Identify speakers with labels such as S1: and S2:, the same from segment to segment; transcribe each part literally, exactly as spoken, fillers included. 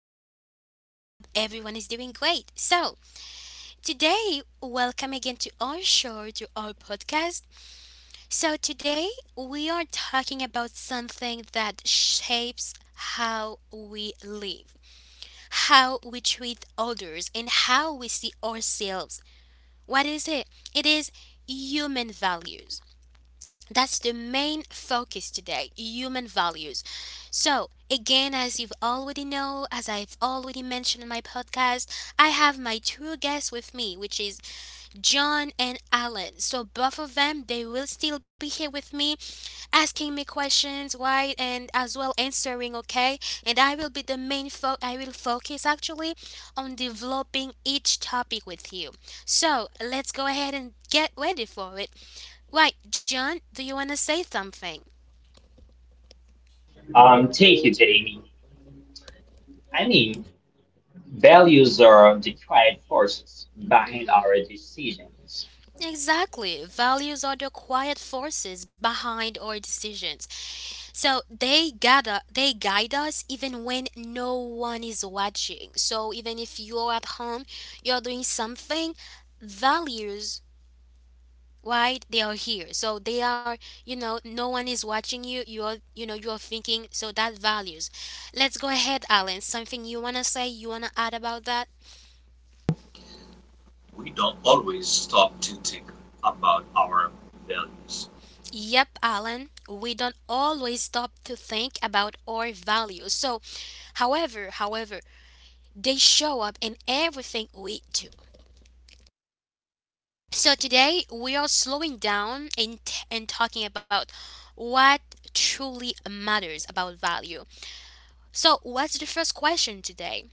S1: topic. I hope everyone is doing great. So, today, welcome again to our show, to our podcast. So, today we are talking about something that shapes how we live, how we treat others, and how we see ourselves. What is it? It is human values. That's the main focus today, human values. So, again, as you've already know, as I've already mentioned in my podcast, I have my two guests with me, which is John and Alan. So, both of them, they will still be here with me, asking me questions, why, and as well answering, okay? And I will be the main fo- I will focus actually on developing each topic with you. So, let's go ahead and get ready for it. Why, John, do you want to say something?
S2: Um, thank you, Jamie. I mean, values are the quiet forces behind our decisions.
S1: Exactly. Values are the quiet forces behind our decisions. So they gather they guide us even when no one is watching. So even if you're at home, you're doing something, values, right, they are here. So they are, you know no one is watching you, you're, you know you're thinking. So that values, let's go ahead. Alan, something you want to say, you want to add about that?
S3: We don't always stop to think about our values.
S1: Yep, Alan, we don't always stop to think about our values. So, however, however, they show up in everything we do. So today we are slowing down and, and talking about what truly matters about value. So, what's the first question today?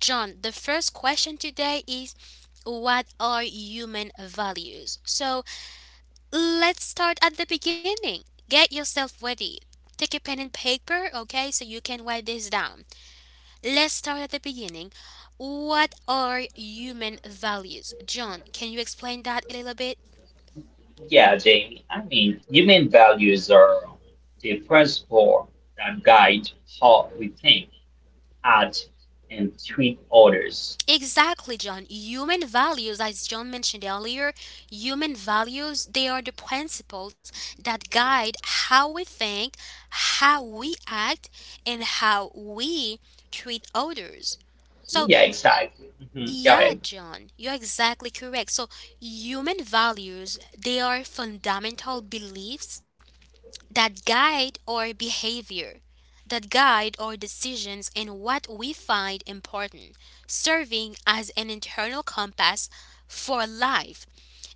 S1: John, the first question today is, what are human values? So, let's start at the beginning. Get yourself ready. Take a pen and paper, okay, so you can write this down. Let's start at the beginning. What are human values? John, can you explain that a little bit?
S2: Yeah, Jamie. I mean, human values are the principle that guide how we think, act, and treat others.
S1: Exactly, John. Human values, as John mentioned earlier, human values, they are the principles that guide how we think, how we act, and how we treat others. So,
S2: Yeah, exactly. Mhm. Go
S1: yeah,
S2: ahead.
S1: John, you're exactly correct. So, human values, they are fundamental beliefs that guide our behavior, that guide our decisions and what we find important, serving as an internal compass for life,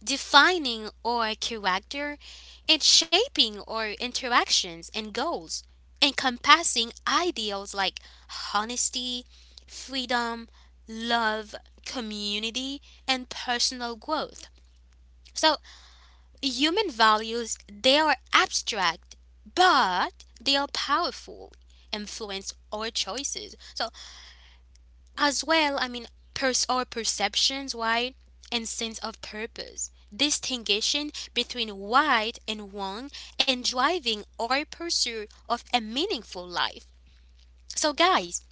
S1: defining our character, and shaping our interactions and goals, encompassing ideals like honesty, freedom, love, community, and personal growth. So, human values, they are abstract, but they are powerful, influence our choices. So, as well, I mean, pers- our perceptions, right, and sense of purpose. Distinguishing between right and wrong and driving our pursuit of a meaningful life. So, guys,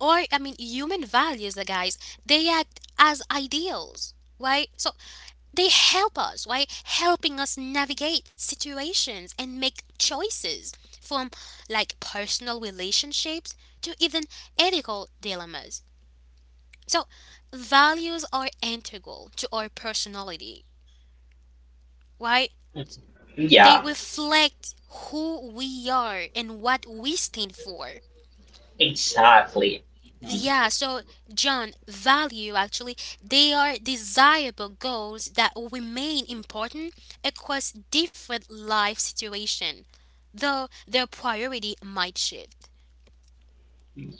S1: or I mean, human values, uh, guys, they act as ideals, right? So they help us, right, helping us navigate situations and make choices from like personal relationships to even ethical dilemmas. So, values are integral to our personality, right? They
S2: Yeah,
S1: reflect who we are and what we stand for.
S2: exactly. Mhm.
S1: Yeah, so John, value actually, they are desirable goals that remain important across different life situations, though their priority might shift.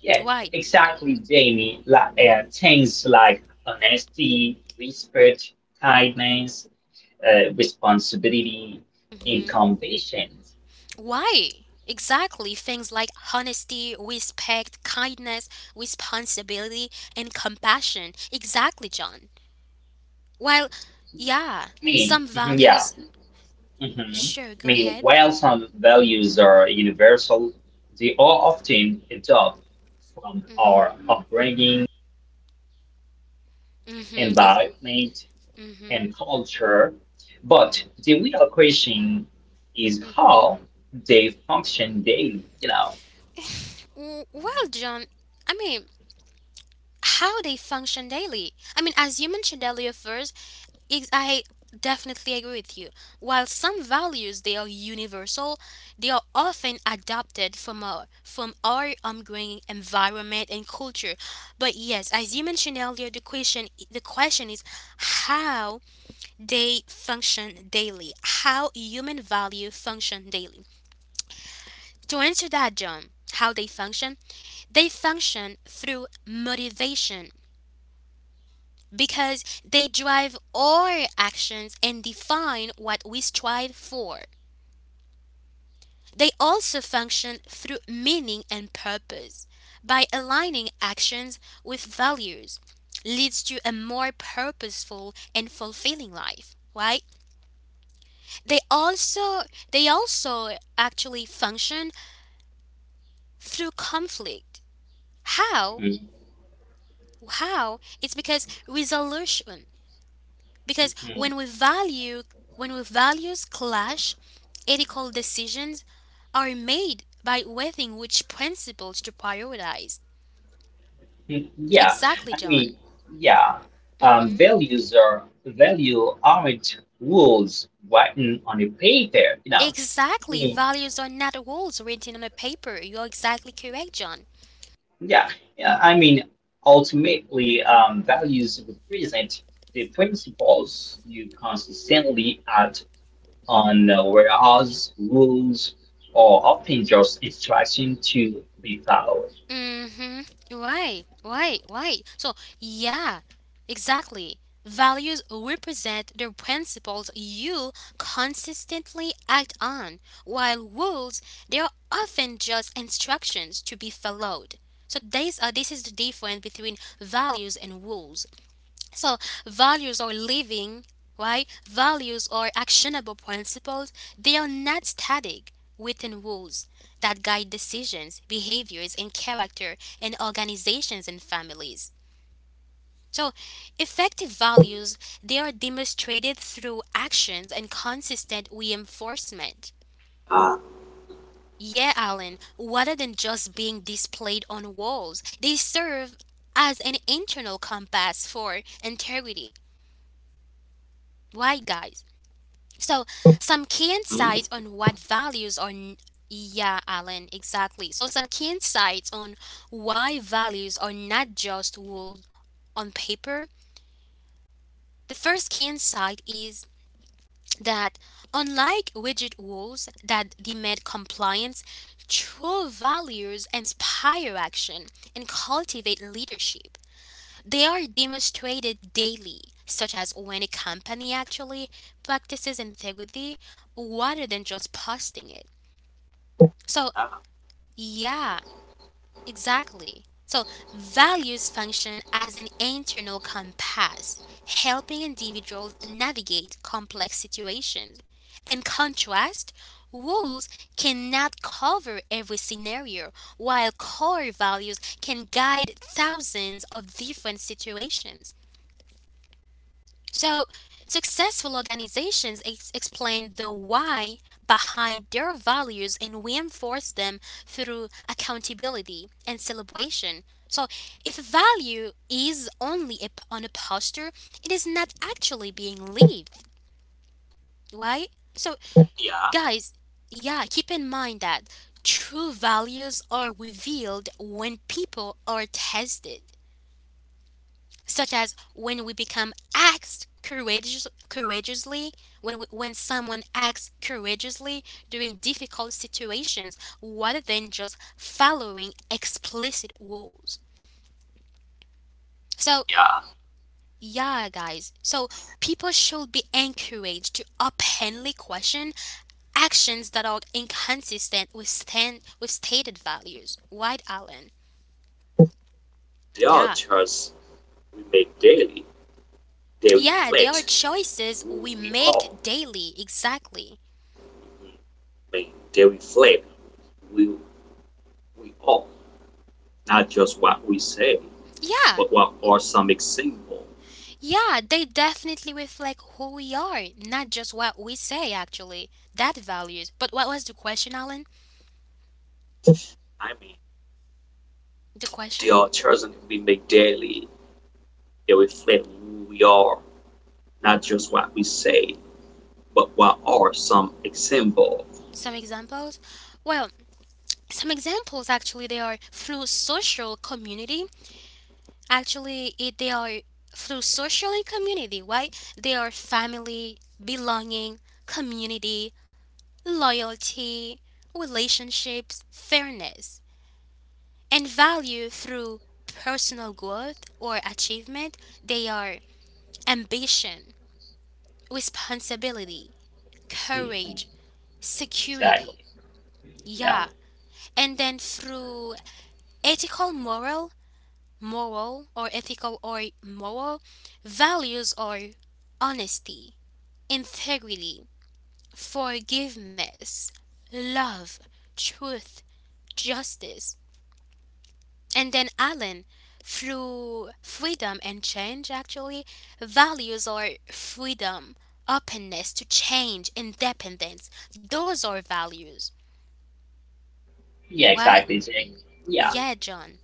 S2: Yeah,
S1: Right.
S2: exactly, Jamie. Like, uh, things like honesty, respect, kindness, uh, responsibility
S1: Mhm.
S2: incumbents.
S1: Why? Exactly. Things like honesty, respect, kindness, responsibility, and compassion. Exactly, John. While, yeah,
S2: Me,
S1: some
S2: mhm, yeah,
S1: values.
S2: hmm. I
S1: Sure, go
S2: mean,
S1: ahead.
S2: while some values are universal, they are often adopted from our upbringing,
S1: Mm-hmm.
S2: environment,
S1: Mm-hmm.
S2: and culture. But the real question is how they function daily. You know.
S1: W- Well, John, I mean, how they function daily. I mean, as you mentioned earlier first, Ex- I definitely agree with you. While some values they are universal, they are often adopted from our from our ongoing environment and culture. But yes, as you mentioned earlier, the question the question is how they function daily, how human value function daily. To answer that, John, how they function? They function through motivation, because they drive our actions and define what we strive for. They also function through meaning and purpose. By aligning actions with values leads to a more purposeful and fulfilling life, right? They also they also actually function through conflict. How?
S2: Mhm,
S1: How? It's because resolution, because
S2: mhm.
S1: when we value when we values clash, ethical decisions are made by weighing which principles to prioritize.
S2: Mm, yeah,
S1: Exactly,
S2: I
S1: John.
S2: mean, yeah. Um,
S1: Hmm.
S2: values are value aren't rules written on a paper, you know. I
S1: Exactly,
S2: mean,
S1: values are not rules written on a paper. You're exactly correct, John.
S2: yeah, yeah. I mean, ultimately, um, values represent the principles you consistently act on, uh, whereas rules are often just instruction to be followed.
S1: Mm-hmm. Right, right, right. So, yeah, exactly. Values represent the principles you consistently act on, while rules, they are often just instructions to be followed. So these are, this is the difference between values and rules. So, values are living, right? Values are actionable principles. They are not static written rules that guide decisions, behaviors, and character in organizations and families. So, effective values, they are demonstrated through actions and consistent reinforcement. Yeah, Alan, rather than just being displayed on walls, they serve as an internal compass for integrity. Why, guys? So, some key
S3: Mm-hmm.
S1: insights on what values are. n- Yeah, Alan, exactly. So, some key insights on why values are not just words on paper. The first key insight is that, unlike rigid rules that demand compliance, true values inspire action and cultivate leadership. They are demonstrated daily, such as when a company actually practices integrity rather than just posting it. So,
S3: Uh,
S1: yeah, exactly. So, values function as an internal compass, helping individuals navigate complex situations. In contrast, rules cannot cover every scenario, while core values can guide thousands of different situations. So, successful organizations ex- explain the why behind their values and reinforce them through accountability and celebration. So, if value is only a p on a poster, it is not actually being lived, right? So,
S3: yeah,
S1: guys, yeah, keep in mind that true values are revealed when people are tested, such as when we become acts courageous, courageously, when, we, when someone acts courageously during difficult situations rather than just following explicit rules. So,
S3: yeah.
S1: yeah, guys, so people should be encouraged to openly question actions that are inconsistent with, stand with stated values. White Allen.
S3: There are
S1: Yeah.
S3: choices we make daily. They
S1: Yeah, there are
S3: reflect
S1: choices
S3: who
S1: we
S3: we
S1: make
S3: are.
S1: daily, exactly.
S3: I mean, they reflect who we are, not just what we say,
S1: Yeah,
S3: but what are some example.
S1: yeah, they definitely reflect who we are, not just what we say actually. That values. But what was the question, Alan?
S3: I mean,
S1: The
S3: there
S1: question?
S3: are choices we make daily. They reflect who we are, not just what we say, but what are some example.
S1: Some examples? Well, some examples actually they are through social community. Actually, it, they are through social and community, right? They are family, belonging, community, loyalty, relationships, fairness, and value through personal growth or achievement. They are ambition, responsibility,
S2: Mhm.
S1: courage,
S2: Exactly.
S1: security.
S2: Yeah.
S1: Yeah. And then through ethical, moral, moral or ethical or moral values or honesty, integrity, forgiveness, love, truth, justice. And then Alan, through freedom and change, actually, values are freedom, openness to change, independence. Those are values,
S2: Yeah.
S1: right?
S2: Exactly. Jane. Yeah.
S1: Yeah, John.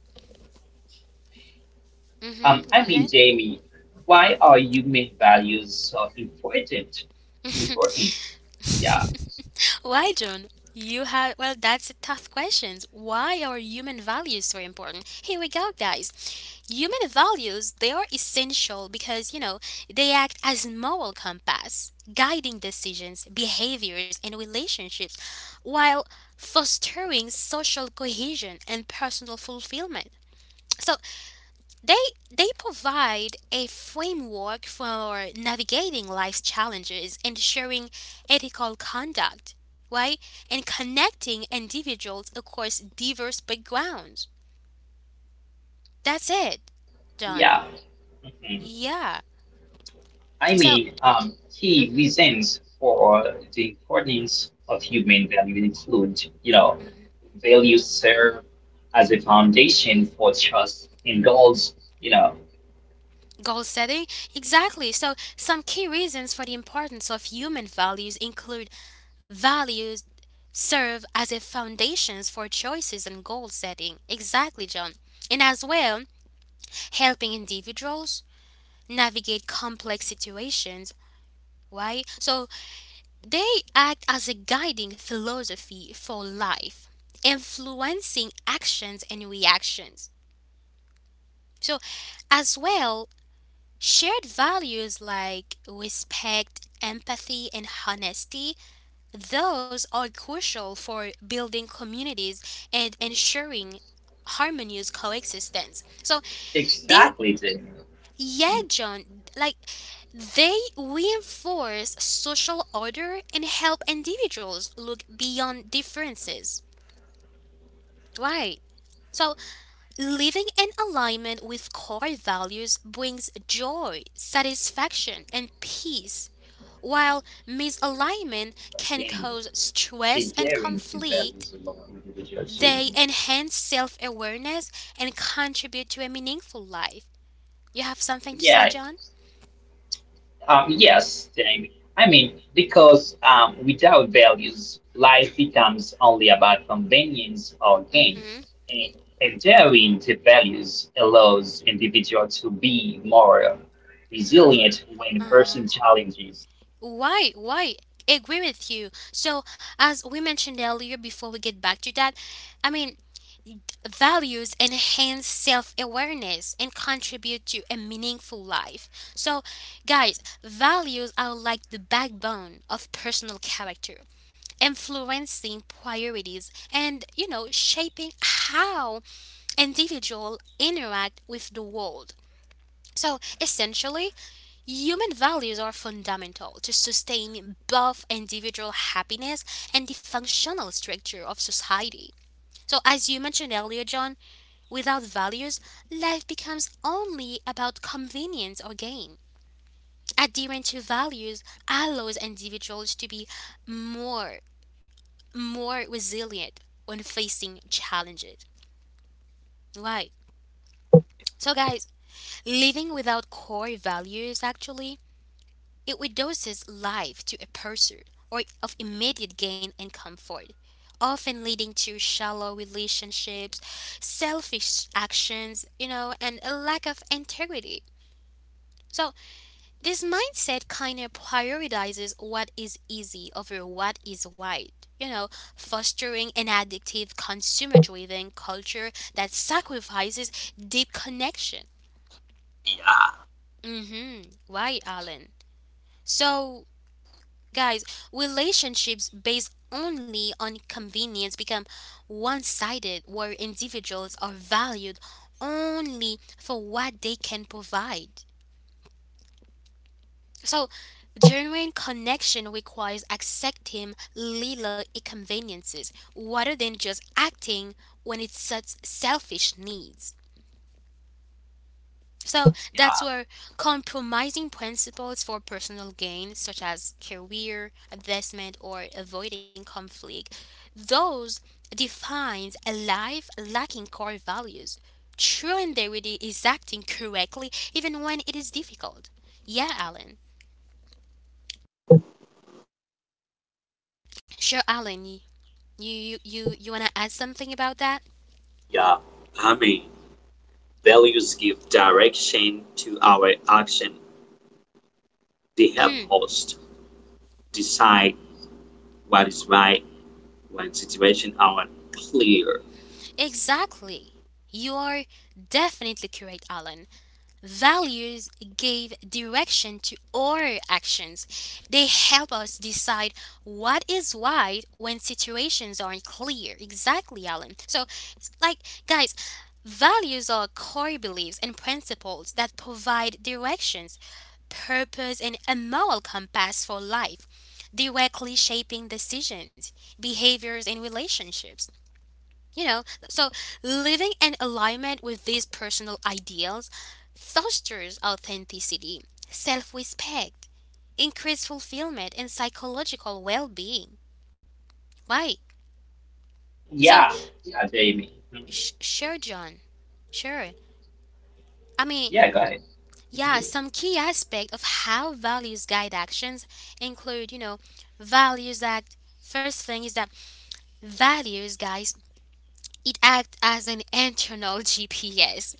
S2: Um,
S1: Mm-hmm.
S2: I
S1: Go
S2: mean,
S1: ahead.
S2: Jamie, why are you make values so important? Important, yeah,
S1: Why, John? You have, well, that's a tough question. Why are human values so important? Here we go, guys. Human values, they are essential because, you know, they act as moral compass, guiding decisions, behaviors, and relationships while fostering social cohesion and personal fulfillment. So, they they provide a framework for navigating life's challenges, ensuring ethical conduct, right? And connecting individuals across diverse backgrounds. That's it, John.
S2: yeah. Mhm.
S1: Yeah.
S2: I
S1: So,
S2: mean, um, key
S1: mhm,
S2: reasons for the importance of human value include, you know,
S1: mhm, mhm,
S2: values serve as a foundation for trust and goals. You know,
S1: goal setting. Exactly. So, some key reasons for the importance of human values include values serve as a foundations for choices and goal setting. Exactly, John. And as well, helping individuals navigate complex situations, right? So they act as a guiding philosophy for life, influencing actions and reactions. So, as well, shared values like respect, empathy, and honesty, those are crucial for building communities and ensuring harmonious coexistence. So they,
S2: exactly, Jamie.
S1: yeah,
S2: Mhm.
S1: John, like they reinforce social order and help individuals look beyond differences. Right. So, living in alignment with core values brings joy, satisfaction, and peace, while misalignment can
S2: Okay,
S1: cause stress and
S2: adhering to
S1: conflict.
S2: values along individuals.
S1: They enhance self awareness and contribute to a meaningful life. You have something to say,
S2: Yeah.
S1: John?
S2: Um, yes, Jamie. I mean, because um, without values, life becomes only about convenience or
S1: Mm
S2: gain.
S1: hmm.
S2: And adhering to values allows individuals to be more resilient when
S1: Uh huh.
S2: facing challenges.
S1: Why? Why? Agree with you. So, as we mentioned earlier, before we get back to that, I mean, values enhance self awareness and contribute to a meaningful life. So, guys, values are like the backbone of personal character, influencing priorities and, you know, shaping how individuals interact with the world. So essentially, human values are fundamental to sustain both individual happiness and the functional structure of society. So, as you mentioned earlier, John, without values, life becomes only about convenience or gain. Adherence to values allows individuals to be more more resilient when facing challenges. Right. So, guys, living without core values actually It reduces life to a pursuit or of immediate gain and comfort, often leading to shallow relationships, selfish actions, you know, and a lack of integrity. So, this mindset kind of prioritizes what is easy over what is right, you know, fostering an addictive, consumer driven culture that sacrifices deep connection. Mm hmm. Right, Alan. So, guys, relationships based only on convenience become one sided, where individuals are valued only for what they can provide. So, genuine connection requires accepting little inconveniences rather than just acting when it suits selfish needs. So that's
S3: Yeah,
S1: where compromising principles for personal gain, such as career advancement or avoiding conflict, those defines a life lacking core values. True integrity is acting correctly even when it is difficult. Yeah, Alan. Sure, Alan. You, you you you wanna add something about that?
S3: yeah. I mean, Values give direction to our action. They help us decide what is right when situations are clear.
S1: Exactly. You are definitely correct, Alan. Values give direction to our actions. They help us decide what is right when situations aren't clear. Exactly, Alan. So, it's like, guys, values are core beliefs and principles that provide directions, purpose, and a moral compass for life, directly shaping decisions, behaviors, and relationships. You know, so living in alignment with these personal ideals fosters authenticity, self respect, increased fulfillment, and psychological well being. Right? So,
S2: Yeah, yeah, Jamie. Mhm.
S1: sh- sure, John, sure. I mean,
S2: Yeah, go ahead.
S1: yeah,
S2: Mhm.
S1: some key aspect of how values guide actions include, you know, values act. First thing is that values, guys, it acts as an internal G P S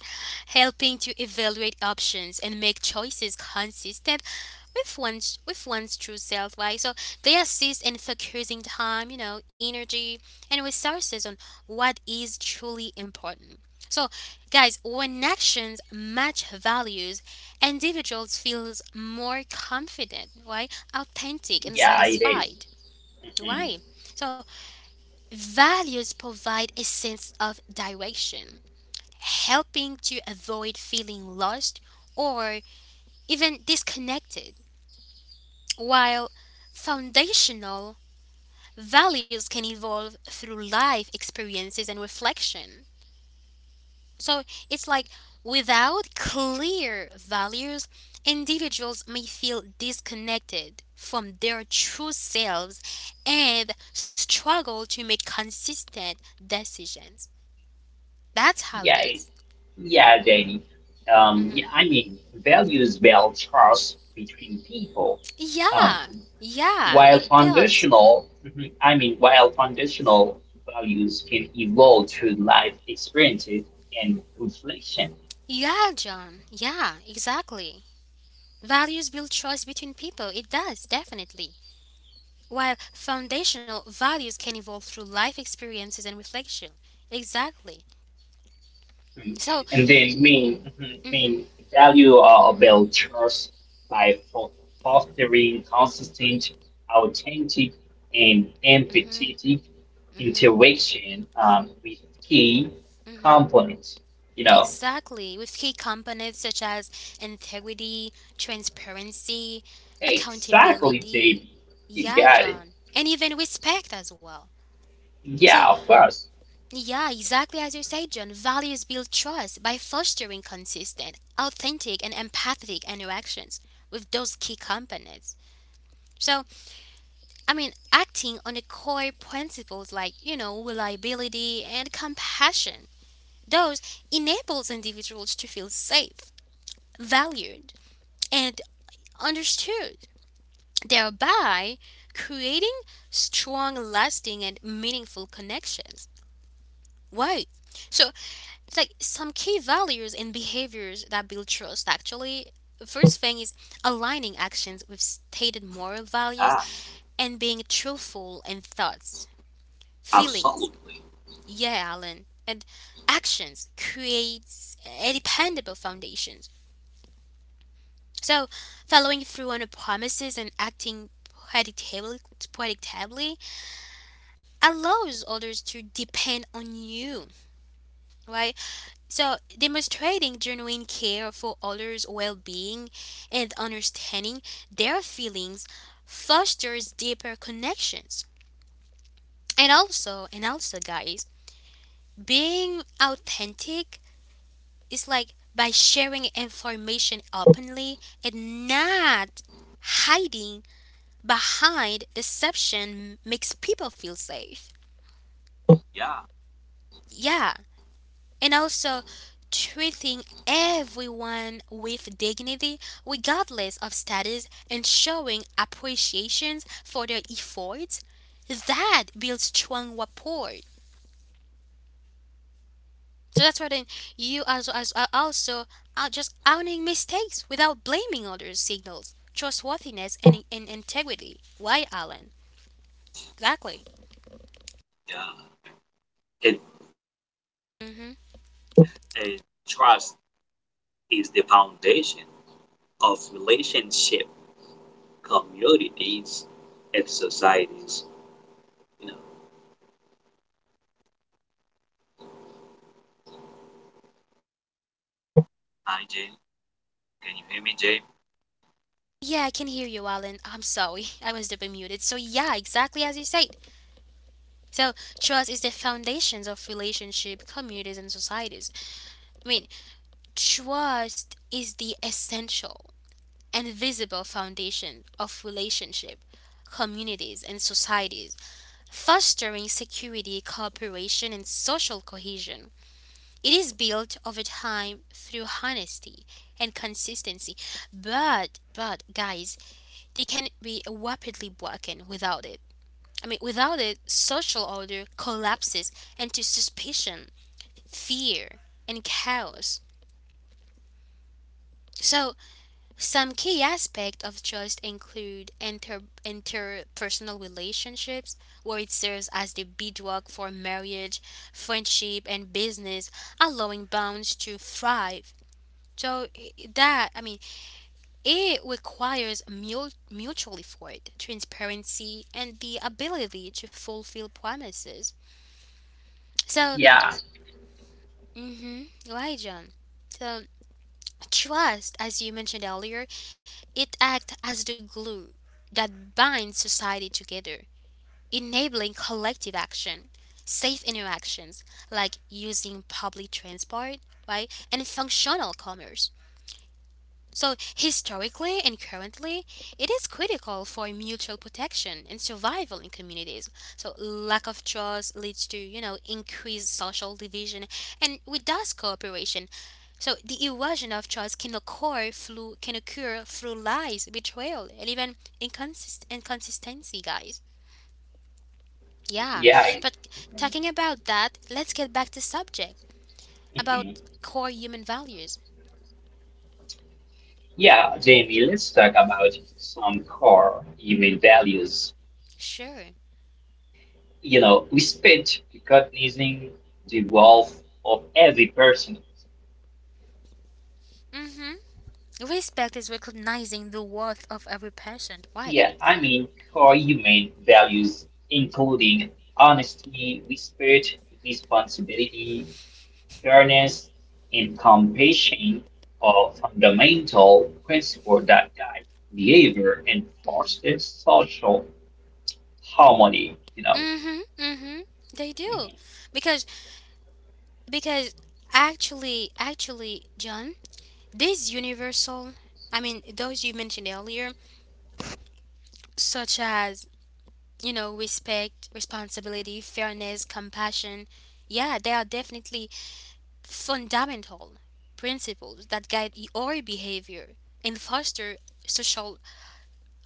S1: helping to evaluate options and make choices consistent with one's with one's true self, right? So they assist in focusing time, you know, energy and resources on what is truly important. So guys, when actions match values, individuals feels more confident, right? Authentic and
S2: Yeah, it is.
S1: satisfied.
S2: Mhm.
S1: Right? So values provide a sense of direction helping to avoid feeling lost or even disconnected. While foundational values can evolve through life experiences and reflection. So it's like without clear values, individuals may feel disconnected from their true selves and struggle to make consistent decisions. That's how it
S2: Yeah, it-
S1: is.
S2: yeah, Jamie. Um, yeah,
S1: Mhm.
S2: I mean, values build trust between people. Um,
S1: Yeah, yeah,
S2: While
S1: it does.
S2: foundational, mhm, I mean, while foundational values can evolve through life experiences and reflection,
S1: Yeah, John. Yeah, exactly. Values build choice between people. It does, definitely. While foundational values can evolve through life experiences and reflection. Exactly.
S2: mhm,
S1: So.
S2: and then main mhm,
S1: Mhm,
S2: main value are about trust by fo- fostering consistent, authentic, and
S1: mhm,
S2: empathetic
S1: mhm,
S2: interaction um, with key
S1: mhm.
S2: components. You know,
S1: Exactly. With key components such as integrity, transparency,
S2: exactly,
S1: accountability.
S2: Jamie. You
S1: Yeah,
S2: got it.
S1: John. And even respect as well. So,
S2: Yeah, of course.
S1: yeah, exactly as you said, John. Values build trust by fostering consistent, authentic, and empathetic interactions with those key components. So, I mean, acting on the core principles like, you know, reliability and compassion, those enables individuals to feel safe, valued, and understood, thereby creating strong, lasting, and meaningful connections. Why? So it's like some key values and behaviors that build trust actually. First thing is aligning actions with stated moral values
S3: Ah,
S1: and being truthful in thoughts, feelings.
S3: absolutely.
S1: Yeah, Alan. And actions creates a dependable foundations. So, following through on promises and acting predictably, predictably allows others to depend on you, right? So, demonstrating genuine care for others' well being and understanding their feelings fosters deeper connections. And also, and also, guys, being authentic is like by sharing information openly and not hiding behind deception makes people feel safe.
S3: Yeah,
S1: Yeah, and also treating everyone with dignity regardless of status and showing appreciations for their efforts, that builds strong rapport. So that's why then you as as are also are just owning mistakes without blaming others, signals trustworthiness and, and integrity. Why, Alan? Exactly.
S3: yeah. And,
S1: Hmm.
S3: and trust is the foundation of relationship, communities, and societies. You know, Hi, Jamie, can you hear me, Jamie?
S1: Yeah, I can hear you, Alan. I'm sorry, I was double muted. So yeah, exactly as you said. So trust is the foundations of relationship, communities, and societies. I mean, trust is the essential and visible foundation of relationship, communities, and societies, fostering security, cooperation, and social cohesion. It is built over time through honesty and consistency, but but guys, they can be rapidly broken without it. I mean, without it, social order collapses into suspicion, fear, and chaos. So, some key aspects of trust include inter- interpersonal relationships, where it serves as the bedrock for marriage, friendship, and business, allowing bonds to thrive. So, i- that, I mean, it requires mul- mutual effort, transparency, and the ability to fulfill promises. So,
S2: Yeah,
S1: mm-hmm. Right, John. So trust, as you mentioned earlier, it acts as the glue that binds society together, enabling collective action, safe interactions, like using public transport, right, and functional commerce. So, historically and currently, it is critical for mutual protection and survival in communities. So, lack of trust leads to, you know, increased social division and with thus cooperation. So, the erosion of trust can occur through can occur through lies, betrayal, and even inconsist- inconsistency, guys. Yeah,
S2: yeah,
S1: but talking about that, let's get back to subject about
S2: mhm.
S1: core human values.
S2: Yeah, Jamie, let's talk about some core human values.
S1: Sure.
S2: You know, respect, recognizing the worth of every person.
S1: Mhm. Respect is recognizing the worth of every patient. Why?
S2: Yeah, I mean, core human values, including honesty, respect, responsibility, fairness, and compassion are fundamental principles that guide behavior and foster social harmony, you know.
S1: Mm-hmm. Mm-hmm. They do.
S2: Mhm.
S1: Because because actually actually, John, these universal, I mean those you mentioned earlier, such as, you know, respect, responsibility, fairness, compassion, yeah, they are definitely fundamental principles that guide our behavior and foster social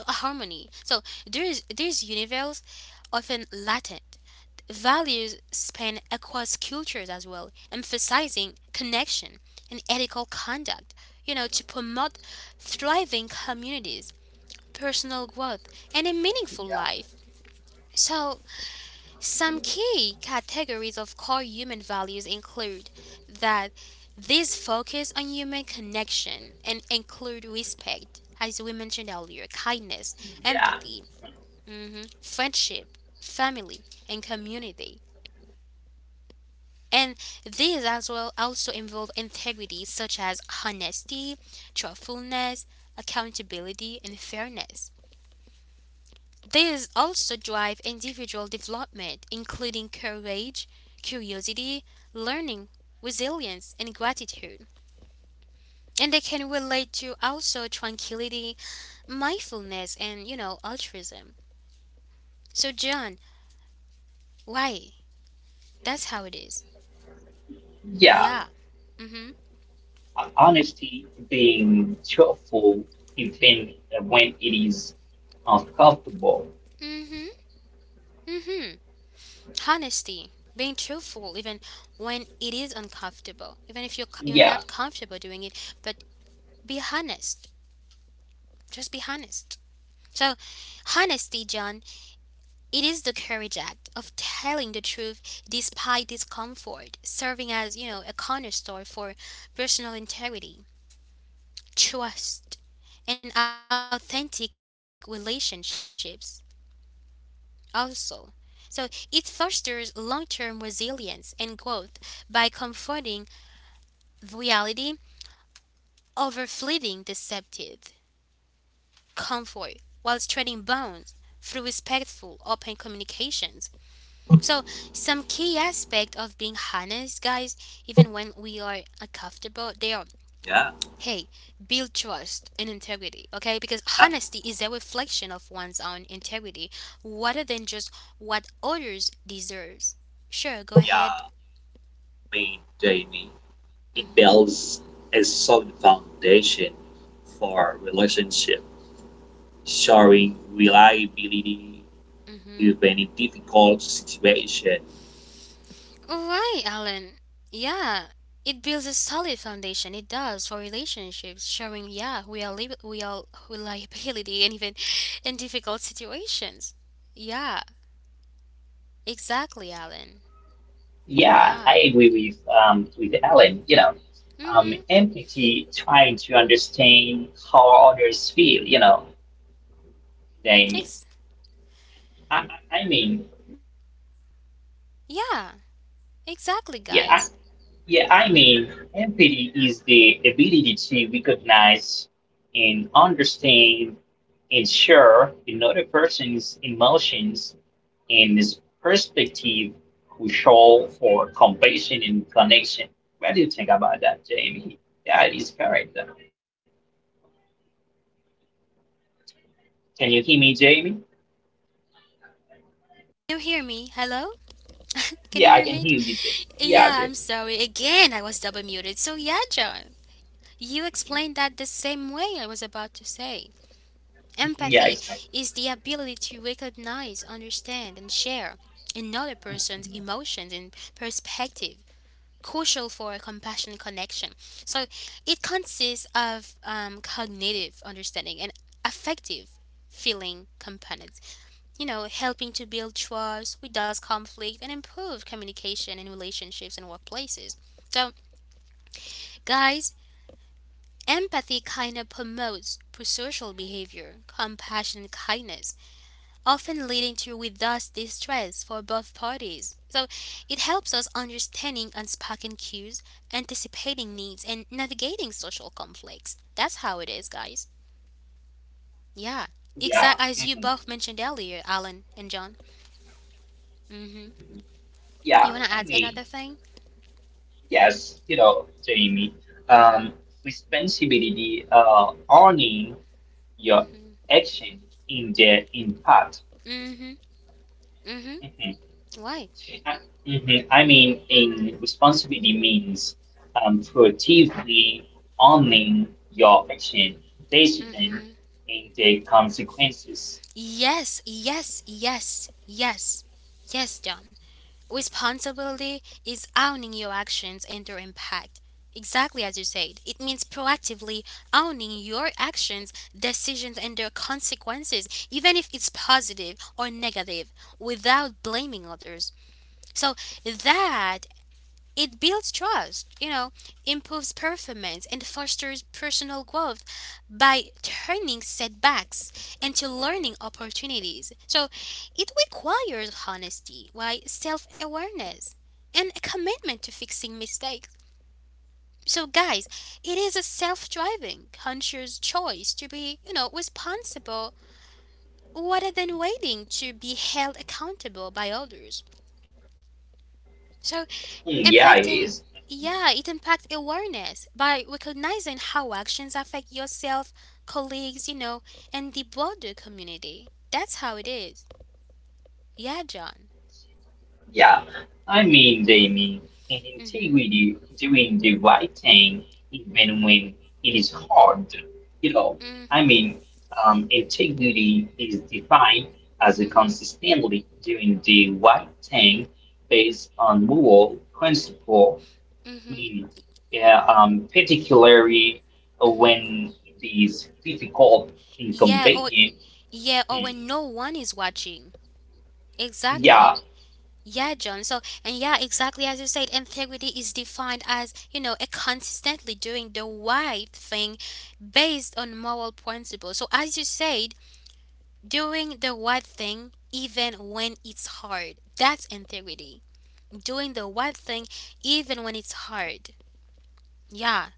S1: harmony. So there's these universals often latent. Values span across cultures as well, emphasizing connection and ethical conduct, you know, to promote thriving communities, personal growth, and a meaningful
S2: Yeah.
S1: life. So, some key categories of core human values include that these focus on human connection and include respect, as we mentioned earlier, kindness,
S2: Yeah.
S1: empathy, mhm, friendship, family, and community. And these as well also involve integrity such as honesty, truthfulness, accountability, and fairness. These also drive individual development, including courage, curiosity, learning, resilience, and gratitude. And they can relate to also tranquility, mindfulness, and you know, altruism. So, John, why? That's how it is.
S2: Yeah,
S1: Yeah. Mm hmm.
S2: honesty, being truthful, even when it is uncomfortable.
S1: Mm hmm. Mm hmm. Honesty, being truthful even when it is uncomfortable, even if you're, you're
S2: Yeah,
S1: not comfortable doing it, but be honest. Just be honest. So, honesty, John, it is the courage act of telling the truth despite discomfort, serving as, you know, a cornerstone for personal integrity, trust, and authentic relationships also. So it fosters long-term resilience and growth by confronting reality overfleeting deceptive convoy whilst trading bonds through respectful open communications. So some key aspect of being honest, guys, even when we are uncomfortable, they are,
S3: Yeah.
S1: hey, build trust and integrity. Okay, because
S3: Uh,
S1: honesty is a reflection of one's own integrity rather than just what others deserves. Sure, go ahead.
S3: yeah, me, Jamie. It
S1: Mm-hmm.
S3: builds a solid foundation for relationship, showing reliability
S1: Mm-hmm.
S3: even in difficult situations.
S1: All right, Alan. Yeah, it builds a solid foundation. It does for relationships, showing yeah we are li- we are reliability and even in difficult situations. Yeah, exactly, Alan.
S2: yeah,
S1: Yeah.
S2: I agree with um with Ellen. You know, um,
S1: Mhm.
S2: empathy, trying to understand how others feel. You know, then
S1: Ex-
S2: I, I I mean,
S1: yeah, exactly,
S2: yeah, I,
S1: guys.
S2: yeah, I mean, empathy is the ability to recognize and understand and share another person's emotions in this perspective crucial for compassion and connection. What do you think about that, Jamie? Yeah, it is correct. Can you hear me, Jamie?
S1: Can you hear me? Hello? Can you
S2: Yeah, I
S1: hear
S2: can
S1: me?
S2: hear you, Jamie. Yeah,
S1: Yeah,
S2: Jamie.
S1: I'm sorry. Again, I was double muted. So yeah, John, you explained that the same way I was about to say.
S2: Mhm, yeah,
S1: Empathy
S2: exactly.
S1: is the ability to recognize, understand, and share another person's emotions and perspective, crucial for a compassionate connection. So it consists of um, cognitive understanding and affective feeling components, you know, helping to build trust, reduce conflict, and improve communication in relationships and workplaces. So, guys, empathy kind of promotes pro-social behavior, compassion, kindness often leading to with thus distress for both parties. So it helps us understanding unspoken cues, anticipating needs, and navigating social conflicts. That's how it is, guys. Yeah,
S2: Yeah.
S1: exactly as you
S2: Mhm.
S1: both mentioned earlier, Alan and John. Mm-hmm. You
S2: Yeah,
S1: wanna
S2: I
S1: add
S2: mean,
S1: another thing?
S2: yes, you know, Jamie,
S1: Mm-hmm.
S2: um, responsibility, uh, owning your
S1: Mm-hmm.
S2: action in the impact.
S1: Mm-hmm. Mm-hmm. Why?
S2: Mhm. I mean, in responsibility means um, proactively owning your action, decision,
S1: Mm-hmm.
S2: and the consequences.
S1: Yes, yes, yes, yes, yes, John. Responsibility is owning your actions and their impact. Exactly as you said, it means proactively owning your actions, decisions, and their consequences, even if it's positive or negative, without blaming others. So that it builds trust, you know, improves performance, and fosters personal growth by turning setbacks into learning opportunities. So it requires honesty, why self awareness, and a commitment to fixing mistakes. So, guys, it is a self driving, conscious choice to be, you know, responsible rather than waiting to be held accountable by others. So,
S2: Mm, yeah, it
S1: impacting,
S2: is.
S1: yeah, it impacts awareness by recognizing how actions affect yourself, colleagues, you know, and the broader community. That's how it is. Yeah, John.
S2: Yeah, I mean they mean an
S1: Mm-hmm.
S2: integrity doing the right thing even when it is hard. You know,
S1: Mm,
S2: I mean, um, integrity is defined as a
S1: mm-hmm.
S2: consistently doing the right thing based on moral principle.
S1: Mm-hmm.
S2: Meaning, yeah, um, particularly
S1: Mm-hmm.
S2: when it is difficult,
S1: Yeah, or
S2: inconvenient.
S1: yeah, or
S2: Mm,
S1: when no one is watching.
S2: yeah,
S1: Exactly. Yeah, John. So, and yeah, exactly as you said, integrity is defined as, you know, a consistently doing the right thing based on moral principles. So, as you said, doing the right thing even when it's hard. That's integrity. Doing the right thing even when it's hard. Yeah.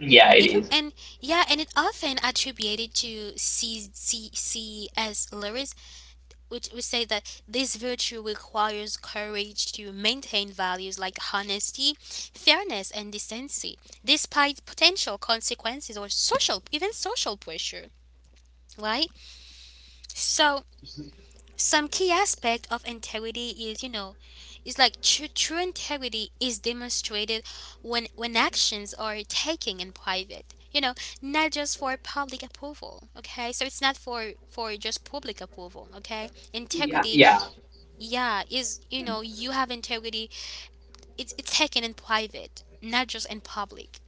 S2: yeah, it
S1: It
S2: is.
S1: and yeah, and it often attributed to C C C S Lewis, which would say that this virtue requires courage to maintain values like honesty, fairness, and decency, despite potential consequences or social, even social pressure. Right? So some key aspect of integrity is, you know, is like true, true integrity is demonstrated when when actions are taken in private. You know, not just for public approval. Okay, so it's not for for just public approval. Okay,
S2: Yeah,
S1: integrity,
S2: yeah,
S1: yeah, is you
S2: mm,
S1: know you have integrity. It's it's taken in private, not just in public.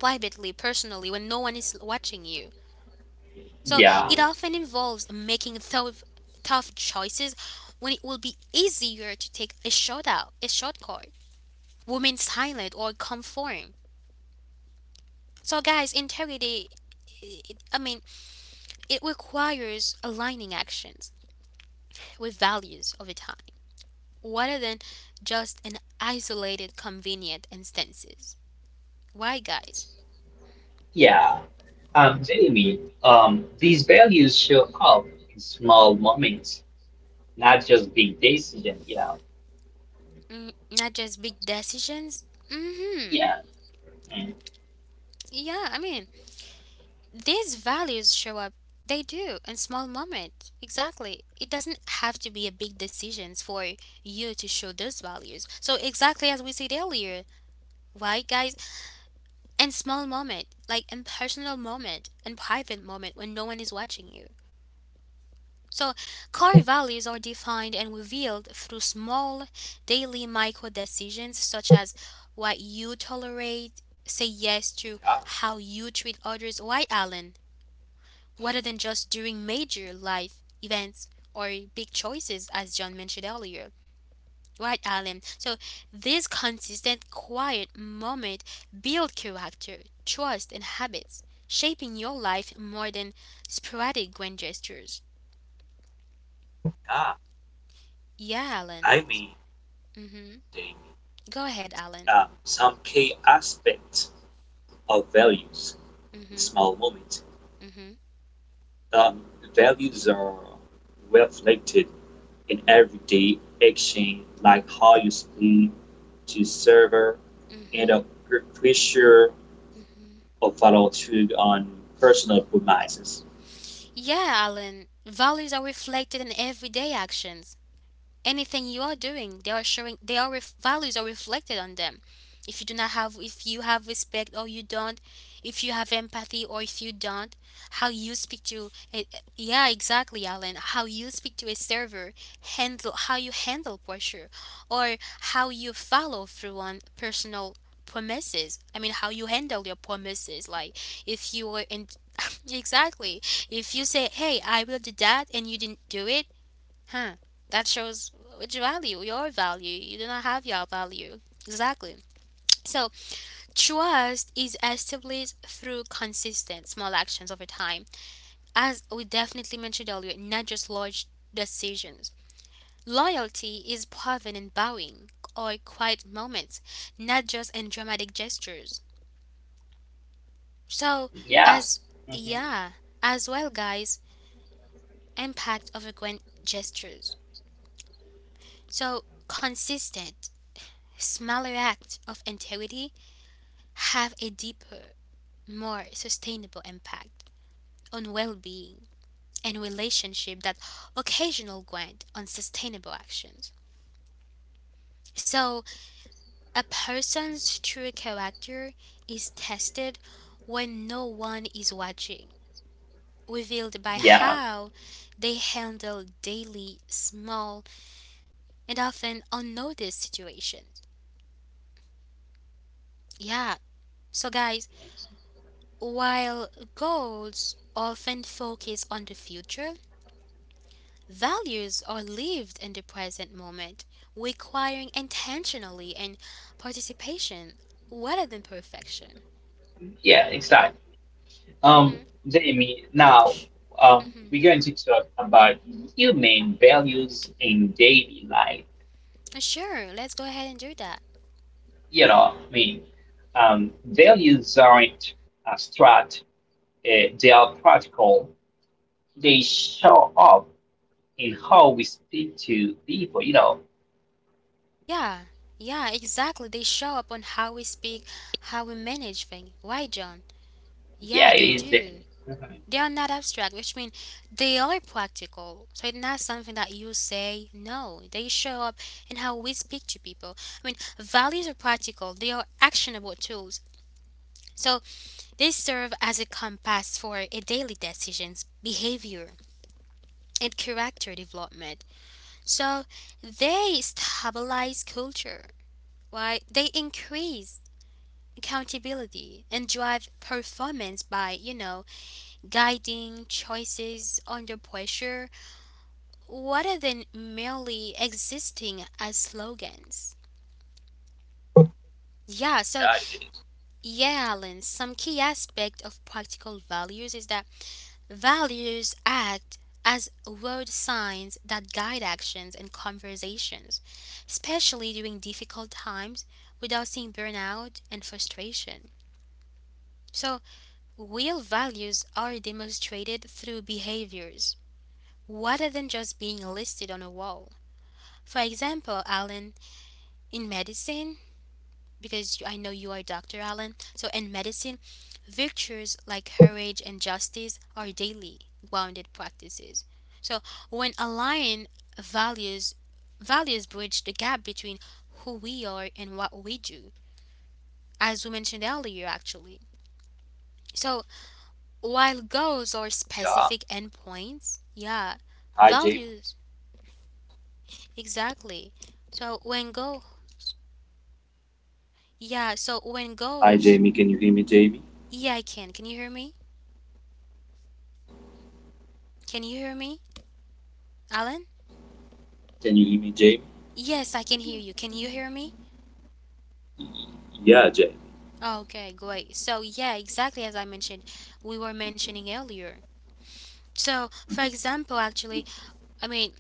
S1: Privately, personally, when no one is watching you, so
S2: yeah.
S1: it often involves making tough, tough choices when it will be easier to take a shortout, a shortcut, women silent or conform. So guys, integrity, it, I mean, it requires aligning actions with values over time, rather than just an isolated, convenient instances. Why, guys?
S2: Yeah, um, am um, these values show up in small moments, not just big decisions, you know.
S1: Mm, not just big decisions. Mm-hmm.
S2: Yeah, mm,
S1: Yeah, I mean, these values show up, they do, in small moments, exactly. It doesn't have to be a big decisions for you to show those values. So exactly as we said earlier, right guys, in small moment, like in personal moment, in private moment, when no one is watching you. So core values are defined and revealed through small daily micro decisions such as what you tolerate, say yes to,
S3: Ah,
S1: how you treat others, why Alan, rather than just during major life events or big choices, as John mentioned earlier. Right, Alan? So, this consistent, quiet moment build character, trust, and habits, shaping your life more than sporadic grand gestures.
S3: ah,
S1: Yeah, Alan.
S3: I mean,
S1: Mm-hmm.
S3: they,
S1: Go ahead, Alan.
S3: um, some key aspects of values in
S1: Mm-hmm.
S3: small moments.
S1: Mm-hmm.
S3: Um, Values are reflected in everyday action, like how you speak to server and
S1: Mm-hmm.
S3: a pressure
S1: Mm-hmm.
S3: of follow through on personal promises.
S1: Yeah, Alan. Values are reflected in everyday actions, anything you are doing, they are showing, they are ref- values are reflected on them. If you do not have, if you have respect or you don't, if you have empathy or if you don't, how you speak to a, yeah exactly Alan, how you speak to a server, handle how you handle pressure, or how you follow through on personal promises. I mean how you handle your promises, like if you were in exactly, if you say hey I will do that and you didn't do it. Huh. That shows which value, your value. You do not have your value. Exactly. So, trust is established through consistent small actions over time. As we definitely mentioned earlier, not just large decisions. Loyalty is proven in bowing or quiet moments, not just in dramatic gestures. So,
S2: yeah,
S1: as
S2: mhm,
S1: yeah, as well, guys, impact of grand gestures. So, consistent. Smaller acts of integrity have a deeper, more sustainable impact on well being and relationship that occasional grant on sustainable actions. So, a person's true character is tested when no one is watching, revealed by
S2: yeah,
S1: how they handle daily, small, and often unnoticed situations. Yeah, so guys, while goals often focus on the future, values are lived in the present moment, requiring intentionally and participation rather than perfection.
S2: yeah, exactly. Um,
S1: Mm-hmm.
S2: Jamie, now um,
S1: Mm-hmm.
S2: we're going to talk about human values in daily life.
S1: Sure, let's go ahead and do that.
S2: You know, I mean, um, values aren't abstract, uh, they are practical, they show up in how we speak to people. You know,
S1: Yeah, yeah, exactly. They show up on how we speak, how we manage things. Why, John?
S2: yeah,
S1: Yeah,
S2: it
S1: they
S2: is.
S1: do. They are not abstract, which means they are practical. So it's not something that you say. No, they show up in how we speak to people. I mean, values are practical. They are actionable tools. So they serve as a compass for a daily decisions, behavior, and character development. So they stabilize culture, right? They increase accountability and drive performance by, you know, guiding choices under pressure rather than merely existing as slogans. Yeah, so
S3: Yeah, it is.
S1: yeah, Alan, some key aspect of practical values is that values act as road signs that guide actions and conversations, especially during difficult times without seeing burnout and frustration. So, real values are demonstrated through behaviors rather than just being listed on a wall. For example, Alan, in medicine, because you- I know you are doctor Allen. So in medicine, virtues like courage and justice are daily grounded practices. So when aligned values, values bridge the gap between who we are and what we do, as we mentioned earlier actually. So while goals are
S3: Yeah.
S1: specific endpoints, yeah,
S3: Hi, Jamie.
S1: values exactly. So when goals, yeah, so when goals,
S3: Hi, Jamie. Can you hear me, Jamie?
S1: yeah, I can. Can you hear me? Can you hear me, Alan?
S3: Can you hear me, Jamie?
S1: Yes, I can hear you. Can you hear me?
S3: Yeah, Jay.
S1: Okay, great. So, yeah, exactly as I mentioned, we were mentioning earlier. So, for example, actually, I mean,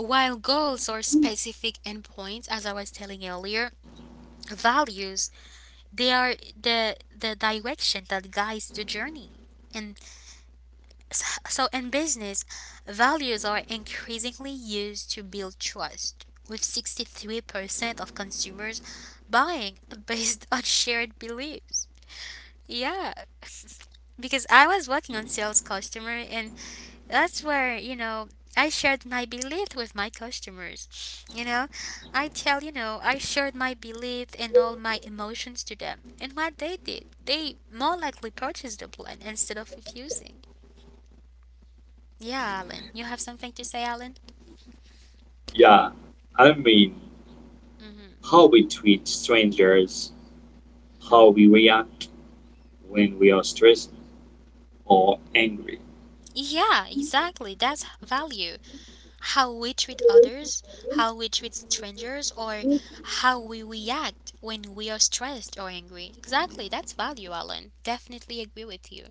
S1: while goals are specific endpoints, as I was telling earlier, values, they are the the direction that guides the journey. And s- so, in business, values are increasingly used to build trust. With sixty-three percent of consumers buying based on shared beliefs. Yeah, because I was working on sales customer, and that's where, you know, I shared my belief with my customers. You know, I tell, you know, I shared my belief and all my emotions to them. And what they did, they more likely purchased the plan instead of refusing. Yeah, Alan. You have something to say, Alan?
S3: Yeah. I mean,
S1: Mm-hmm.
S3: how we treat strangers, how we react when we are stressed or angry.
S1: Yeah, exactly. That's value. How we treat others, how we treat strangers, or how we react when we are stressed or angry. Exactly, that's value, Alan. Definitely agree with you.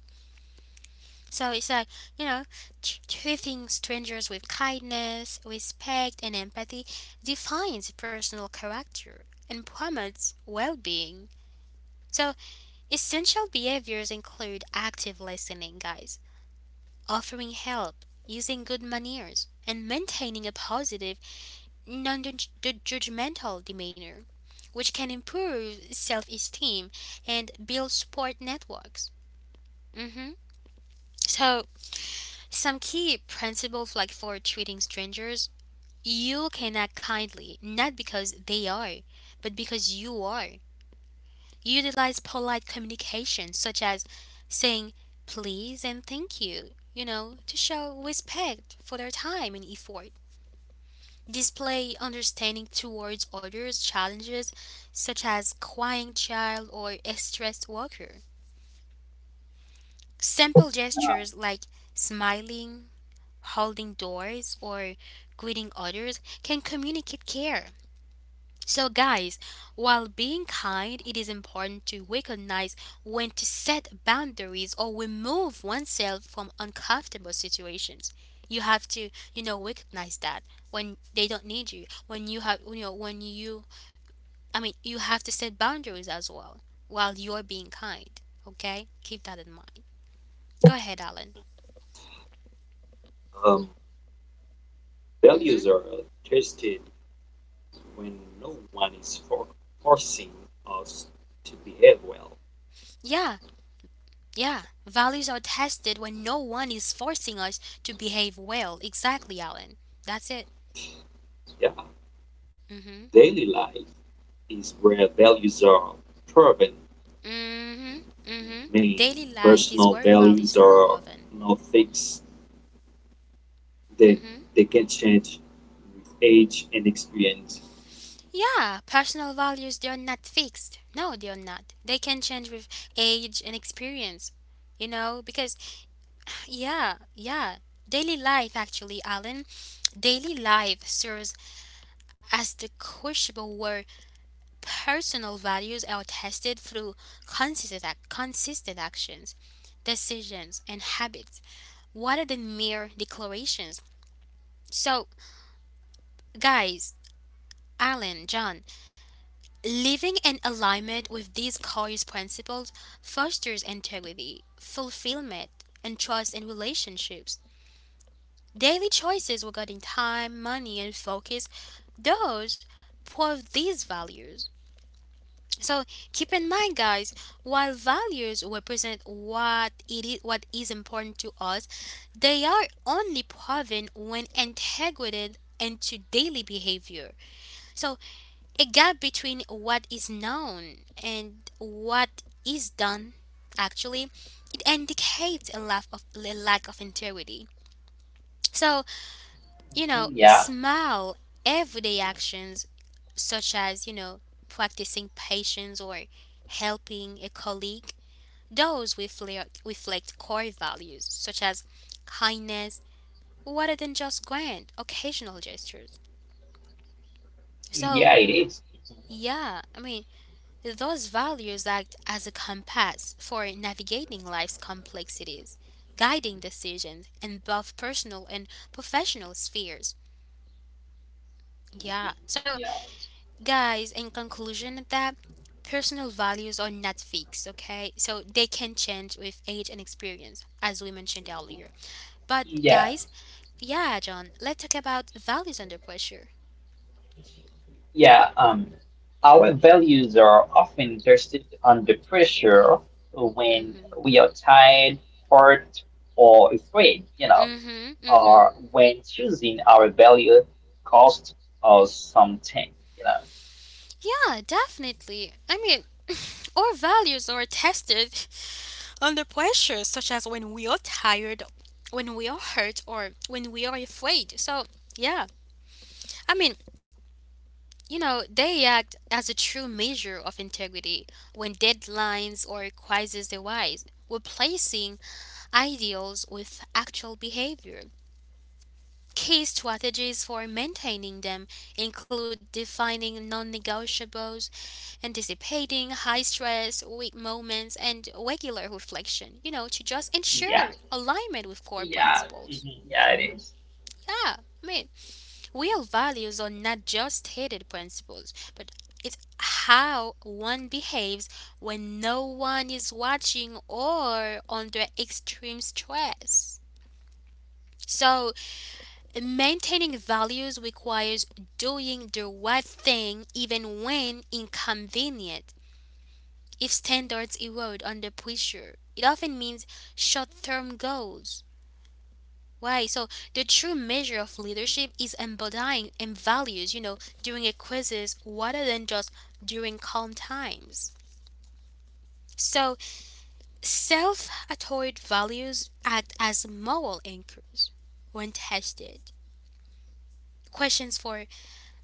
S1: So it's like, you know, tr- treating strangers with kindness, respect, and empathy defines personal character and promotes well being. So, essential behaviors include active listening, guys, offering help, using good manners, and maintaining a positive non-judgmental demeanor, which can improve self-esteem and build support networks. Hmm. So, some key principles, like for treating strangers, you can act kindly, not because they are, but because you are. Utilize polite communication, such as saying please and thank you, you know, to show respect for their time and effort. Display understanding towards others' challenges, such as crying child or a stressed worker. Simple gestures like smiling, holding doors, or greeting others can communicate care. So, guys, while being kind, it is important to recognize when to set boundaries or remove oneself from uncomfortable situations. You have to, you know, recognize that when they don't need you, when you have, you know, when you I mean, you have to set boundaries as well while you're being kind. Okay? Keep that in mind. Go ahead, Alan.
S3: Um, Values
S1: Mm-hmm.
S3: are tested when no one is for- forcing us to behave well.
S1: Yeah, yeah. Values are tested when no one is forcing us to behave well. Exactly, Alan. That's it.
S3: Yeah.
S1: Mm-hmm.
S3: Daily life is where values are proven.
S1: Mm-hmm. Mm-hmm.
S3: I mean,
S1: Daily life is
S3: Personal
S1: where values
S3: values
S1: are
S3: are
S1: woven.
S3: not fixed, they,
S1: Mm-hmm.
S3: they can change with age and experience.
S1: Yeah, personal values, they are not fixed. No, they are not. They can change with age and experience, you know, because yeah, yeah. Daily life, actually, Alan. Daily life serves as the crucible where personal values are tested through consistent, ac- consistent actions, decisions, and habits, rather than mere declarations. So, guys, Alan, John, living in alignment with these core principles fosters integrity, fulfillment, and trust in relationships. Daily choices regarding time, money, and focus, those prove these values. So keep in mind, guys, while values represent what it is, what is important to us, they are only proven when integrated into daily behavior. So a gap between what is known and what is done actually, it indicates a lack of a lack of integrity. So you know,
S2: Yeah,
S1: small everyday actions, such as, you know, practicing patience or helping a colleague, those reflect, reflect core values such as kindness rather than just grand occasional gestures.
S2: yeah, it
S1: So,
S2: is.
S1: yeah, I mean, those values act as a compass for navigating life's complexities, guiding decisions in both personal and professional spheres. Yeah, so
S2: Yeah,
S1: guys, in conclusion of that, personal values are not fixed, okay, so they can change with age and experience as we mentioned earlier. But
S2: yeah.
S1: guys, yeah John, let's talk about values under pressure.
S2: Yeah. Um, our values are often tested under pressure when
S1: Mm-hmm.
S2: we are tired, hurt, or afraid. You know,
S1: Mm-hmm. Mm-hmm.
S2: or when choosing our value costs us something. You know.
S1: Yeah, definitely. I mean, our values are tested under pressure, such as when we are tired, when we are hurt, or when we are afraid. So yeah, I mean, you know, they act as a true measure of integrity when deadlines or crises arise, replacing ideals with actual behavior. Key strategies for maintaining them include defining non negotiables, anticipating high stress, weak moments, and regular reflection, you know, to just
S2: Yeah,
S1: ensure alignment with core
S2: yeah,
S1: principles.
S2: mhm, yeah, it is.
S1: Yeah, I mean, real values are not just stated principles, but it's how one behaves when no one is watching or under extreme stress. So, maintaining values requires doing the right thing even when inconvenient. If standards erode under pressure, it often means short term goals. Why? So the true measure of leadership is embodying in values, you know, during a quizzes rather than just during calm times. So self-authored values act as moral anchors when tested. Questions for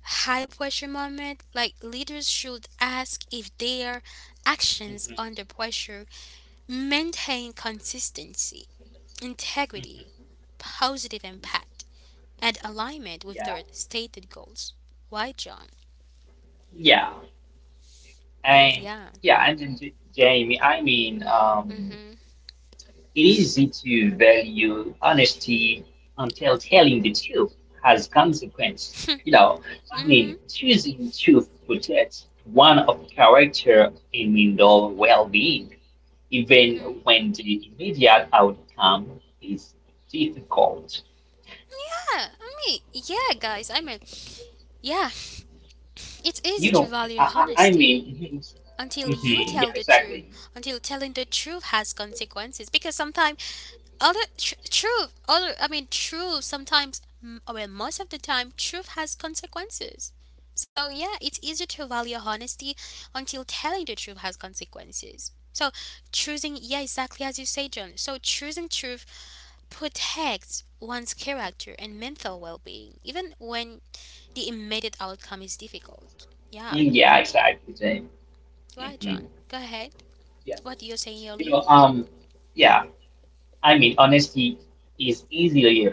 S1: high pressure moment, like leaders should ask if their actions
S2: Mhm,
S1: under pressure maintain consistency, integrity,
S2: mhm,
S1: positive impact, and alignment with
S2: yeah,
S1: their stated goals. Why, John?
S2: yeah. And
S1: Yeah.
S2: yeah, and then J- Jamie, I mean,
S1: Mm.
S2: um,
S1: Mhm.
S2: it is easy to value honesty until telling the truth has consequences. You know, I
S1: Mm.
S2: mean,
S1: Mhm.
S2: choosing truth protects one of character and indoor well-being, even
S1: Mhm.
S2: when the immediate outcome is difficult.
S1: Yeah. I mean, yeah, guys. I mean, yeah. It's easy
S2: You
S1: to
S2: know, I,
S1: value
S2: I, I
S1: honesty
S2: mean, mhm,
S1: until you
S2: mhm, yeah,
S1: tell the truth.
S2: exactly.
S1: Until telling the truth has consequences, because sometimes other tr- truth other I mean truth sometimes m- well most of the time truth has consequences. So yeah, it's easier to value honesty until telling the truth has consequences. So choosing, yeah exactly as you say John, so choosing truth protects one's character and mental well-being even when the immediate outcome is difficult. Yeah,
S2: Mm, yeah, exactly, Jamie.
S1: right
S2: Mhm.
S1: John, go ahead, what you were saying
S2: You
S1: earlier.
S2: know, um, yeah, I mean, honesty is easily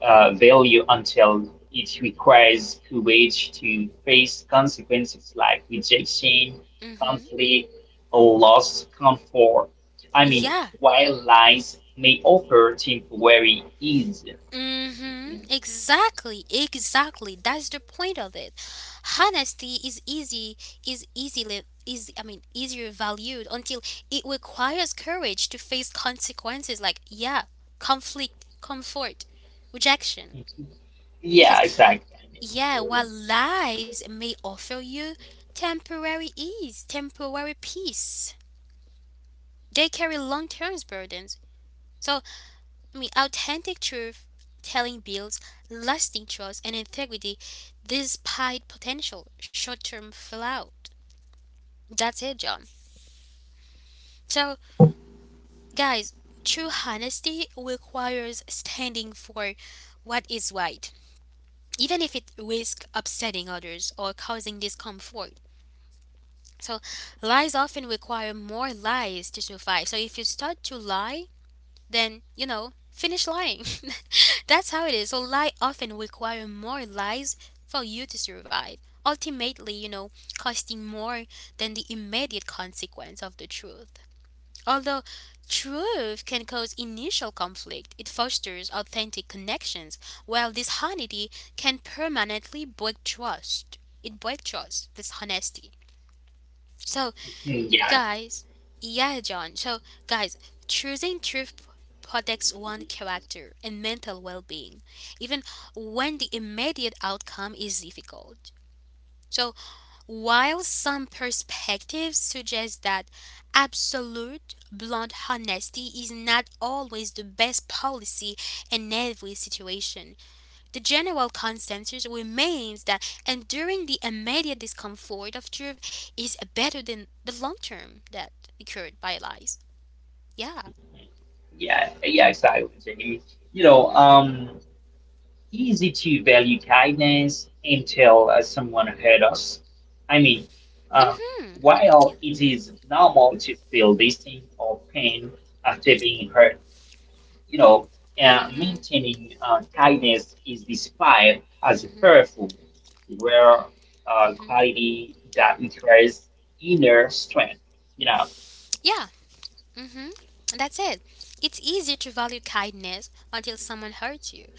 S2: uh, value until it requires courage to face consequences like rejection,
S1: Mm-hmm.
S2: conflict, or lost comfort. I mean,
S1: Yeah.
S2: while lies may offer temporary ease.
S1: Mm-hmm.
S2: Mhm.
S1: Exactly. Exactly. That's the point of it. Honesty is easy is easily, is I mean, easier valued until it requires courage to face consequences like, yeah, conflict, comfort, rejection.
S2: Mhm. Yeah,
S1: Because
S2: exactly.
S1: yeah, while lies may offer you temporary ease, temporary peace, they carry long term burdens. So I mean, authentic truth telling builds lasting trust and integrity despite potential short term fallout. That's it, John. So, guys, true honesty requires standing for what is right, even if it risks upsetting others or causing discomfort. So, lies often require more lies to survive. So, if you start to lie, then you know finish lying that's how it is. So lie often require more lies for you to survive, ultimately, you know, costing more than the immediate consequence of the truth. Although truth can cause initial conflict, it fosters authentic connections, while dishonesty can permanently break trust. It breaks trust dishonesty So
S2: Mhm. Yeah,
S1: guys, yeah, John. So, guys, choosing truth p- protects one character and mental well being, even when the immediate outcome is difficult. So, while some perspectives suggest that absolute, blunt honesty is not always the best policy in every situation, the general consensus remains that enduring the immediate discomfort of truth is better than the long term that occurred by lies. Yeah.
S2: yeah, yeah, exactly. Jamie. You know,
S1: Mhm.
S2: um. Easy to value kindness until uh, someone hurt us. I mean, um,
S1: Mhm. Yeah.
S2: while it is normal to feel distinct or pain after being hurt, you know, uh,
S1: Mhm.
S2: maintaining uh, kindness is described as
S1: Mhm.
S2: powerful, where uh,
S1: Mhm.
S2: quality that requires inner strength. You know,
S1: Yeah. Mhm. That's it. It's easier to value kindness until someone hurts you.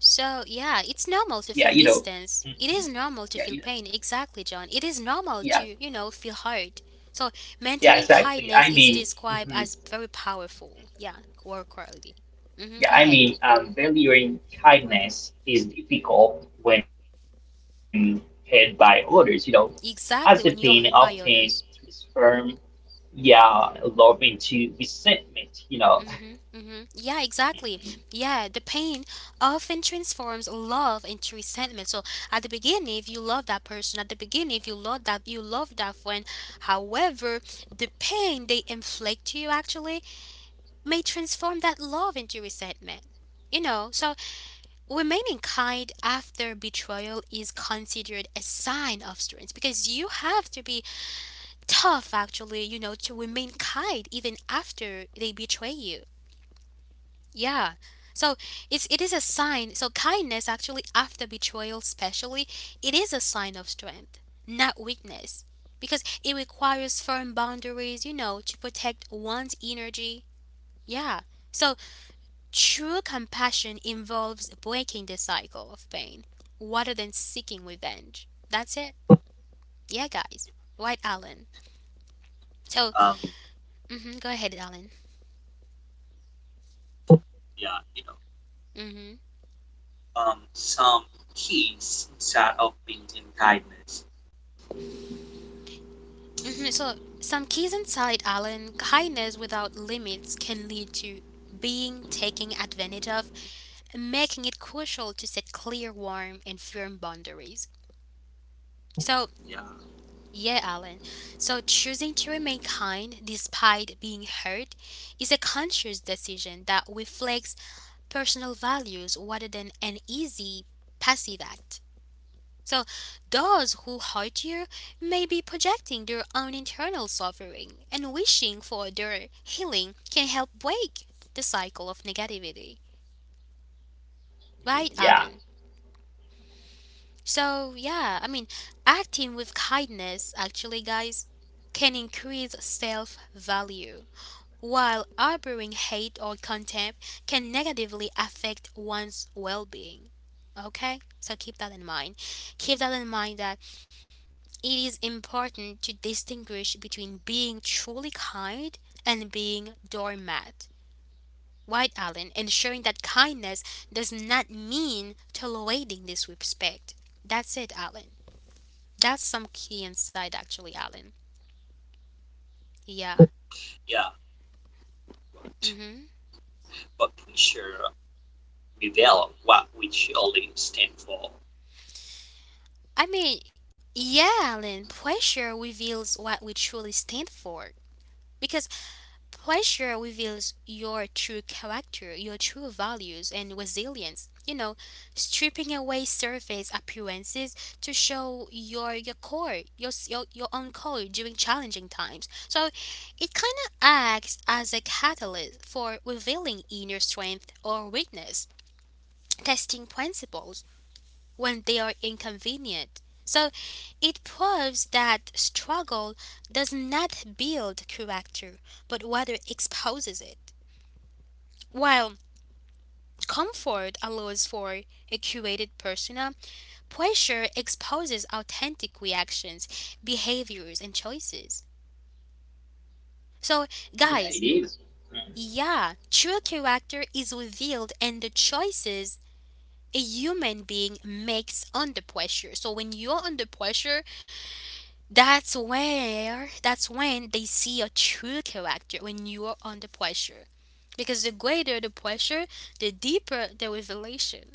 S1: So, yeah, it's normal to
S2: yeah,
S1: feel
S2: you know,
S1: distance. It
S2: mhm.
S1: is normal to
S2: Yeah, you
S1: feel
S2: know,
S1: pain. Exactly, John. It is normal
S2: yeah,
S1: to, you know, feel hurt. So,
S2: yeah,
S1: maintaining
S2: exactly.
S1: kindness
S2: I
S1: is
S2: mean,
S1: described
S2: mhm.
S1: as very powerful. Yeah, work quality. Hmm
S2: Yeah,
S1: go
S2: I
S1: ahead.
S2: mean, um, valuing kindness is difficult when paid by others, you know, as the pain
S1: Exactly,
S2: often
S1: when you're hurt by others.
S2: transforms, yeah, love into resentment, you know.
S1: Mm-hmm, mm-hmm. Yeah,
S2: Mhm,
S1: exactly. Yeah, the pain often transforms love into resentment. So at the beginning, if you love that person, at the beginning, if you love that, you love that friend. However, the pain they inflict to you actually may transform that love into resentment. You know, so remaining kind after betrayal is considered a sign of strength because you have to be tough, actually, you know, to remain kind even after they betray you. Yeah. So it's it is a sign. So kindness actually after betrayal, especially, it is a sign of strength, not weakness, because it requires firm boundaries, you know, to protect one's energy. Yeah. So true compassion involves breaking the cycle of pain rather than seeking revenge. That's it. Yeah, guys. Right, Alan. So,
S3: Um,
S1: mhm, go ahead, Alan.
S3: yeah, you
S1: Mhm.
S3: know, um, some keys inside of built-in guidance.
S1: Mhm. So, some keys inside Alan. Kindness without limits can lead to being taken advantage of, making it crucial to set clear, warm, and firm boundaries. So,
S3: Yeah.
S1: yeah, Alan. So, choosing to remain kind despite being hurt is a conscious decision that reflects personal values rather than an easy passive act. So, those who hurt you may be projecting their own internal suffering and wishing for their healing can help break the cycle of negativity.
S2: mhm,
S1: Right,
S2: yeah,
S1: Alan? So, yeah, I mean, acting with kindness, actually, guys, can increase self value while harboring hate or contempt can negatively affect one's well being. Okay? So keep that in mind. Keep that in mind that it is important to distinguish between being truly kind and being doormat. White Allen, ensuring that kindness does not mean tolerating disrespect. That's it, Allen. That's some key insight, actually, Allen. Yeah.
S3: Yeah, to
S1: Mm hmm.
S3: appreciate develop what we surely stand for.
S1: I mean, yeah, Alan, pressure reveals what we truly stand for. Because pressure reveals your true character, your true values, and resilience. You know, stripping away surface appearances to show your your core, your s- your, your own core during challenging times. So it kind of acts as a catalyst for revealing inner strength or weakness, testing principles when they are inconvenient. So it proves that struggle does not build character, but rather exposes it. While comfort allows for a curated persona, pressure exposes authentic reactions, behaviors, and choices. So,
S2: yeah,
S1: guys,
S2: it is.
S1: yeah, true character is revealed in the choices a human being makes under pressure. So, when you're under pressure, That's where that's when they see your true character when you are under pressure. Because the greater the pressure, the deeper the revelation.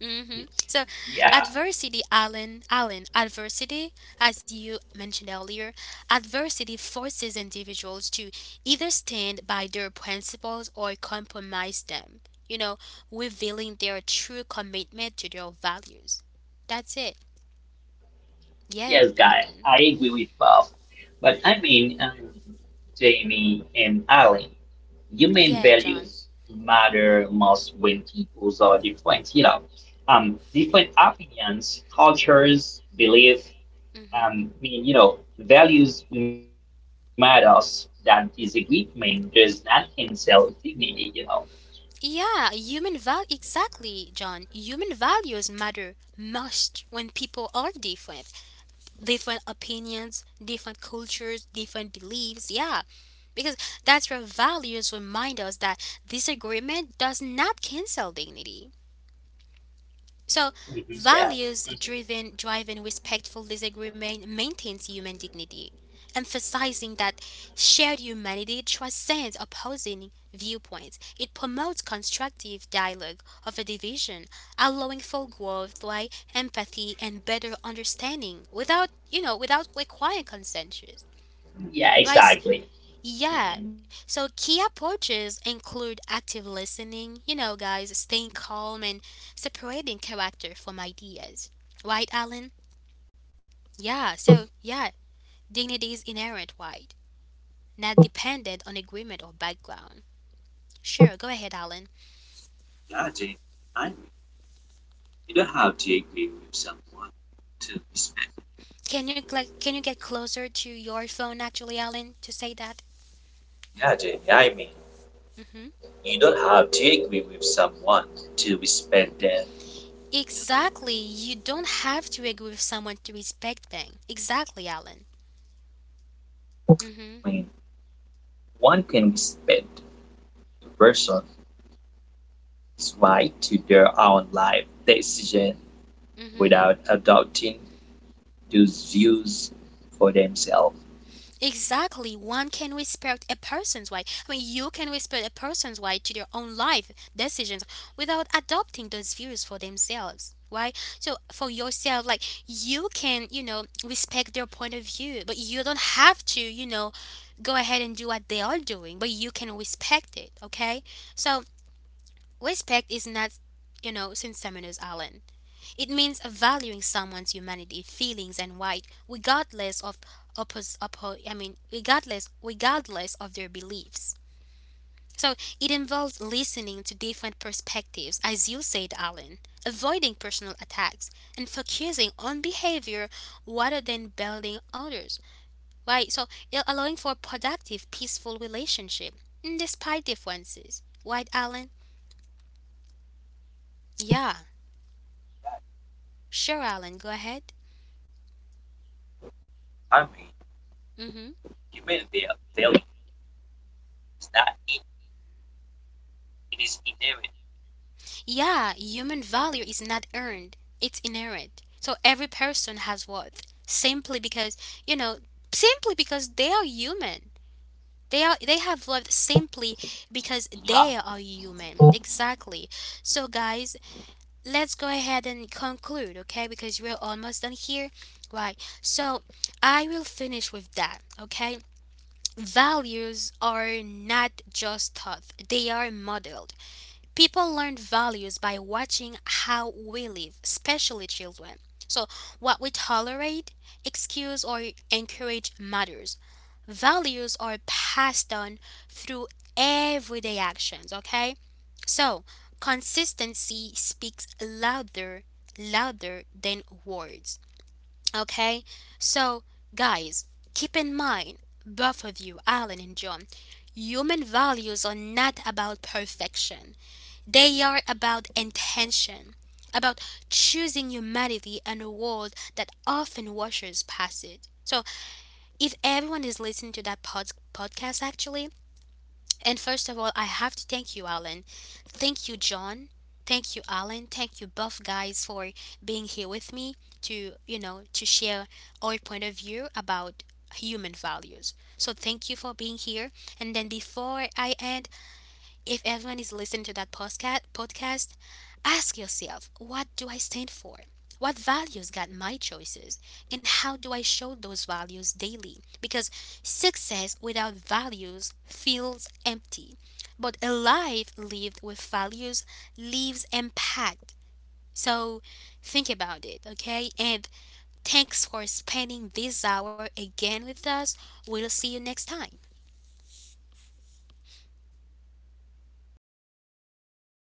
S1: hmm
S2: Mhm.
S1: So,
S2: Yeah,
S1: adversity, Alan, Alan, adversity, as you mentioned earlier, adversity forces individuals to either stand by their principles or compromise them. You know, revealing their true commitment to their values. That's it. Yeah,
S2: yes, guy,
S1: Alan.
S2: I agree with Bob. But I mean, um, Jamie and Alan. Human
S1: Yeah, John.
S2: values matter most when peoples are different, you know. Um, different opinions, cultures, beliefs.
S1: Mm-hmm.
S2: um, meaning, you know, values matters that disagreement does not cancel dignity, you know.
S1: Yeah, human val exactly, John. Human values matter most when people are different. Different opinions, different cultures, different beliefs. Yeah. Because that's where values remind us that disagreement does not cancel dignity. So
S2: Mhm. Yeah,
S1: values driven driving respectful disagreement maintains human dignity, emphasizing that shared humanity transcends opposing viewpoints. It promotes constructive dialogue of a division, allowing for growth by empathy and better understanding without you know without requiring consensus.
S2: mhm, yeah,
S1: Right?
S2: exactly.
S1: Yeah. So key approaches include active listening, you know, guys, staying calm and separating character from ideas. Right, Alan? Yeah. So, yeah, dignity is inherent, right? Not dependent on agreement or background. Sure, go ahead, Alan.
S3: Yeah, Jamie. I mean, you don't have to agree with someone to respect.
S1: Can you like can you get closer to your phone actually, Alan, to say that?
S3: Yeah, Jamie. I mean,
S1: Mm-hmm.
S3: you don't have to agree with someone to respect them.
S1: Exactly. You don't have to agree with someone to respect them. Exactly, Alan. Mm-hmm.
S3: I mean, One can respect a person's right to their own life decision
S1: Mm-hmm.
S3: without adopting those views for themselves.
S1: Exactly. One can respect a person's way. I mean, you can respect a person's way to their own life decisions without adopting those views for themselves. Right? So for yourself, like you can, you know, respect their point of view, but you don't have to, you know, go ahead and do what they are doing, but you can respect it. Okay? So respect is not, you know, since Seminars Island. It means valuing someone's humanity, feelings, and right, regardless of oppos- oppo- I mean, regardless regardless of their beliefs. So it involves listening to different perspectives, as you said, Alan, avoiding personal attacks, and focusing on behavior rather than building others. Right? So you're allowing for productive, peaceful relationship mm, despite differences. Right, Alan? Yeah. Sure, Alan. Go ahead.
S3: I mean,
S1: Mm-hmm.
S3: Humanity daily is not it. It is inherent
S1: Yeah, human value is not earned, it's inherent. So every person has worth simply because, you know, simply because they are human. They are they have worth simply because they
S3: in
S1: are human. Exactly. So guys, let's go ahead and conclude, okay? Because we're almost done here. Right. So I will finish with that, okay? Values are not just taught, they are modeled. People learn values by watching how we live, especially children. So, what we tolerate, excuse, or encourage matters. Values are passed on through everyday actions, okay? So, consistency speaks louder, louder than words, okay? So, guys, keep in mind, both of you, Alan and John, human values are not about perfection. They are about intention, about choosing humanity and a world that often washes past it. So, if everyone is listening to that pod- podcast, actually, and first of all, I have to thank you, Alan. Thank you, John. Thank you, Alan. Thank you, both guys, for being here with me to, you know, to share our point of view about human values. So, thank you for being here. And then, before I end, if everyone is listening to that postca- podcast, ask yourself, what do I stand for? What values guide my choices? And how do I show those values daily? Because success without values feels empty, but a life lived with values leaves impact. So think about it, okay? And thanks for spending this hour again with us. We'll see you next time.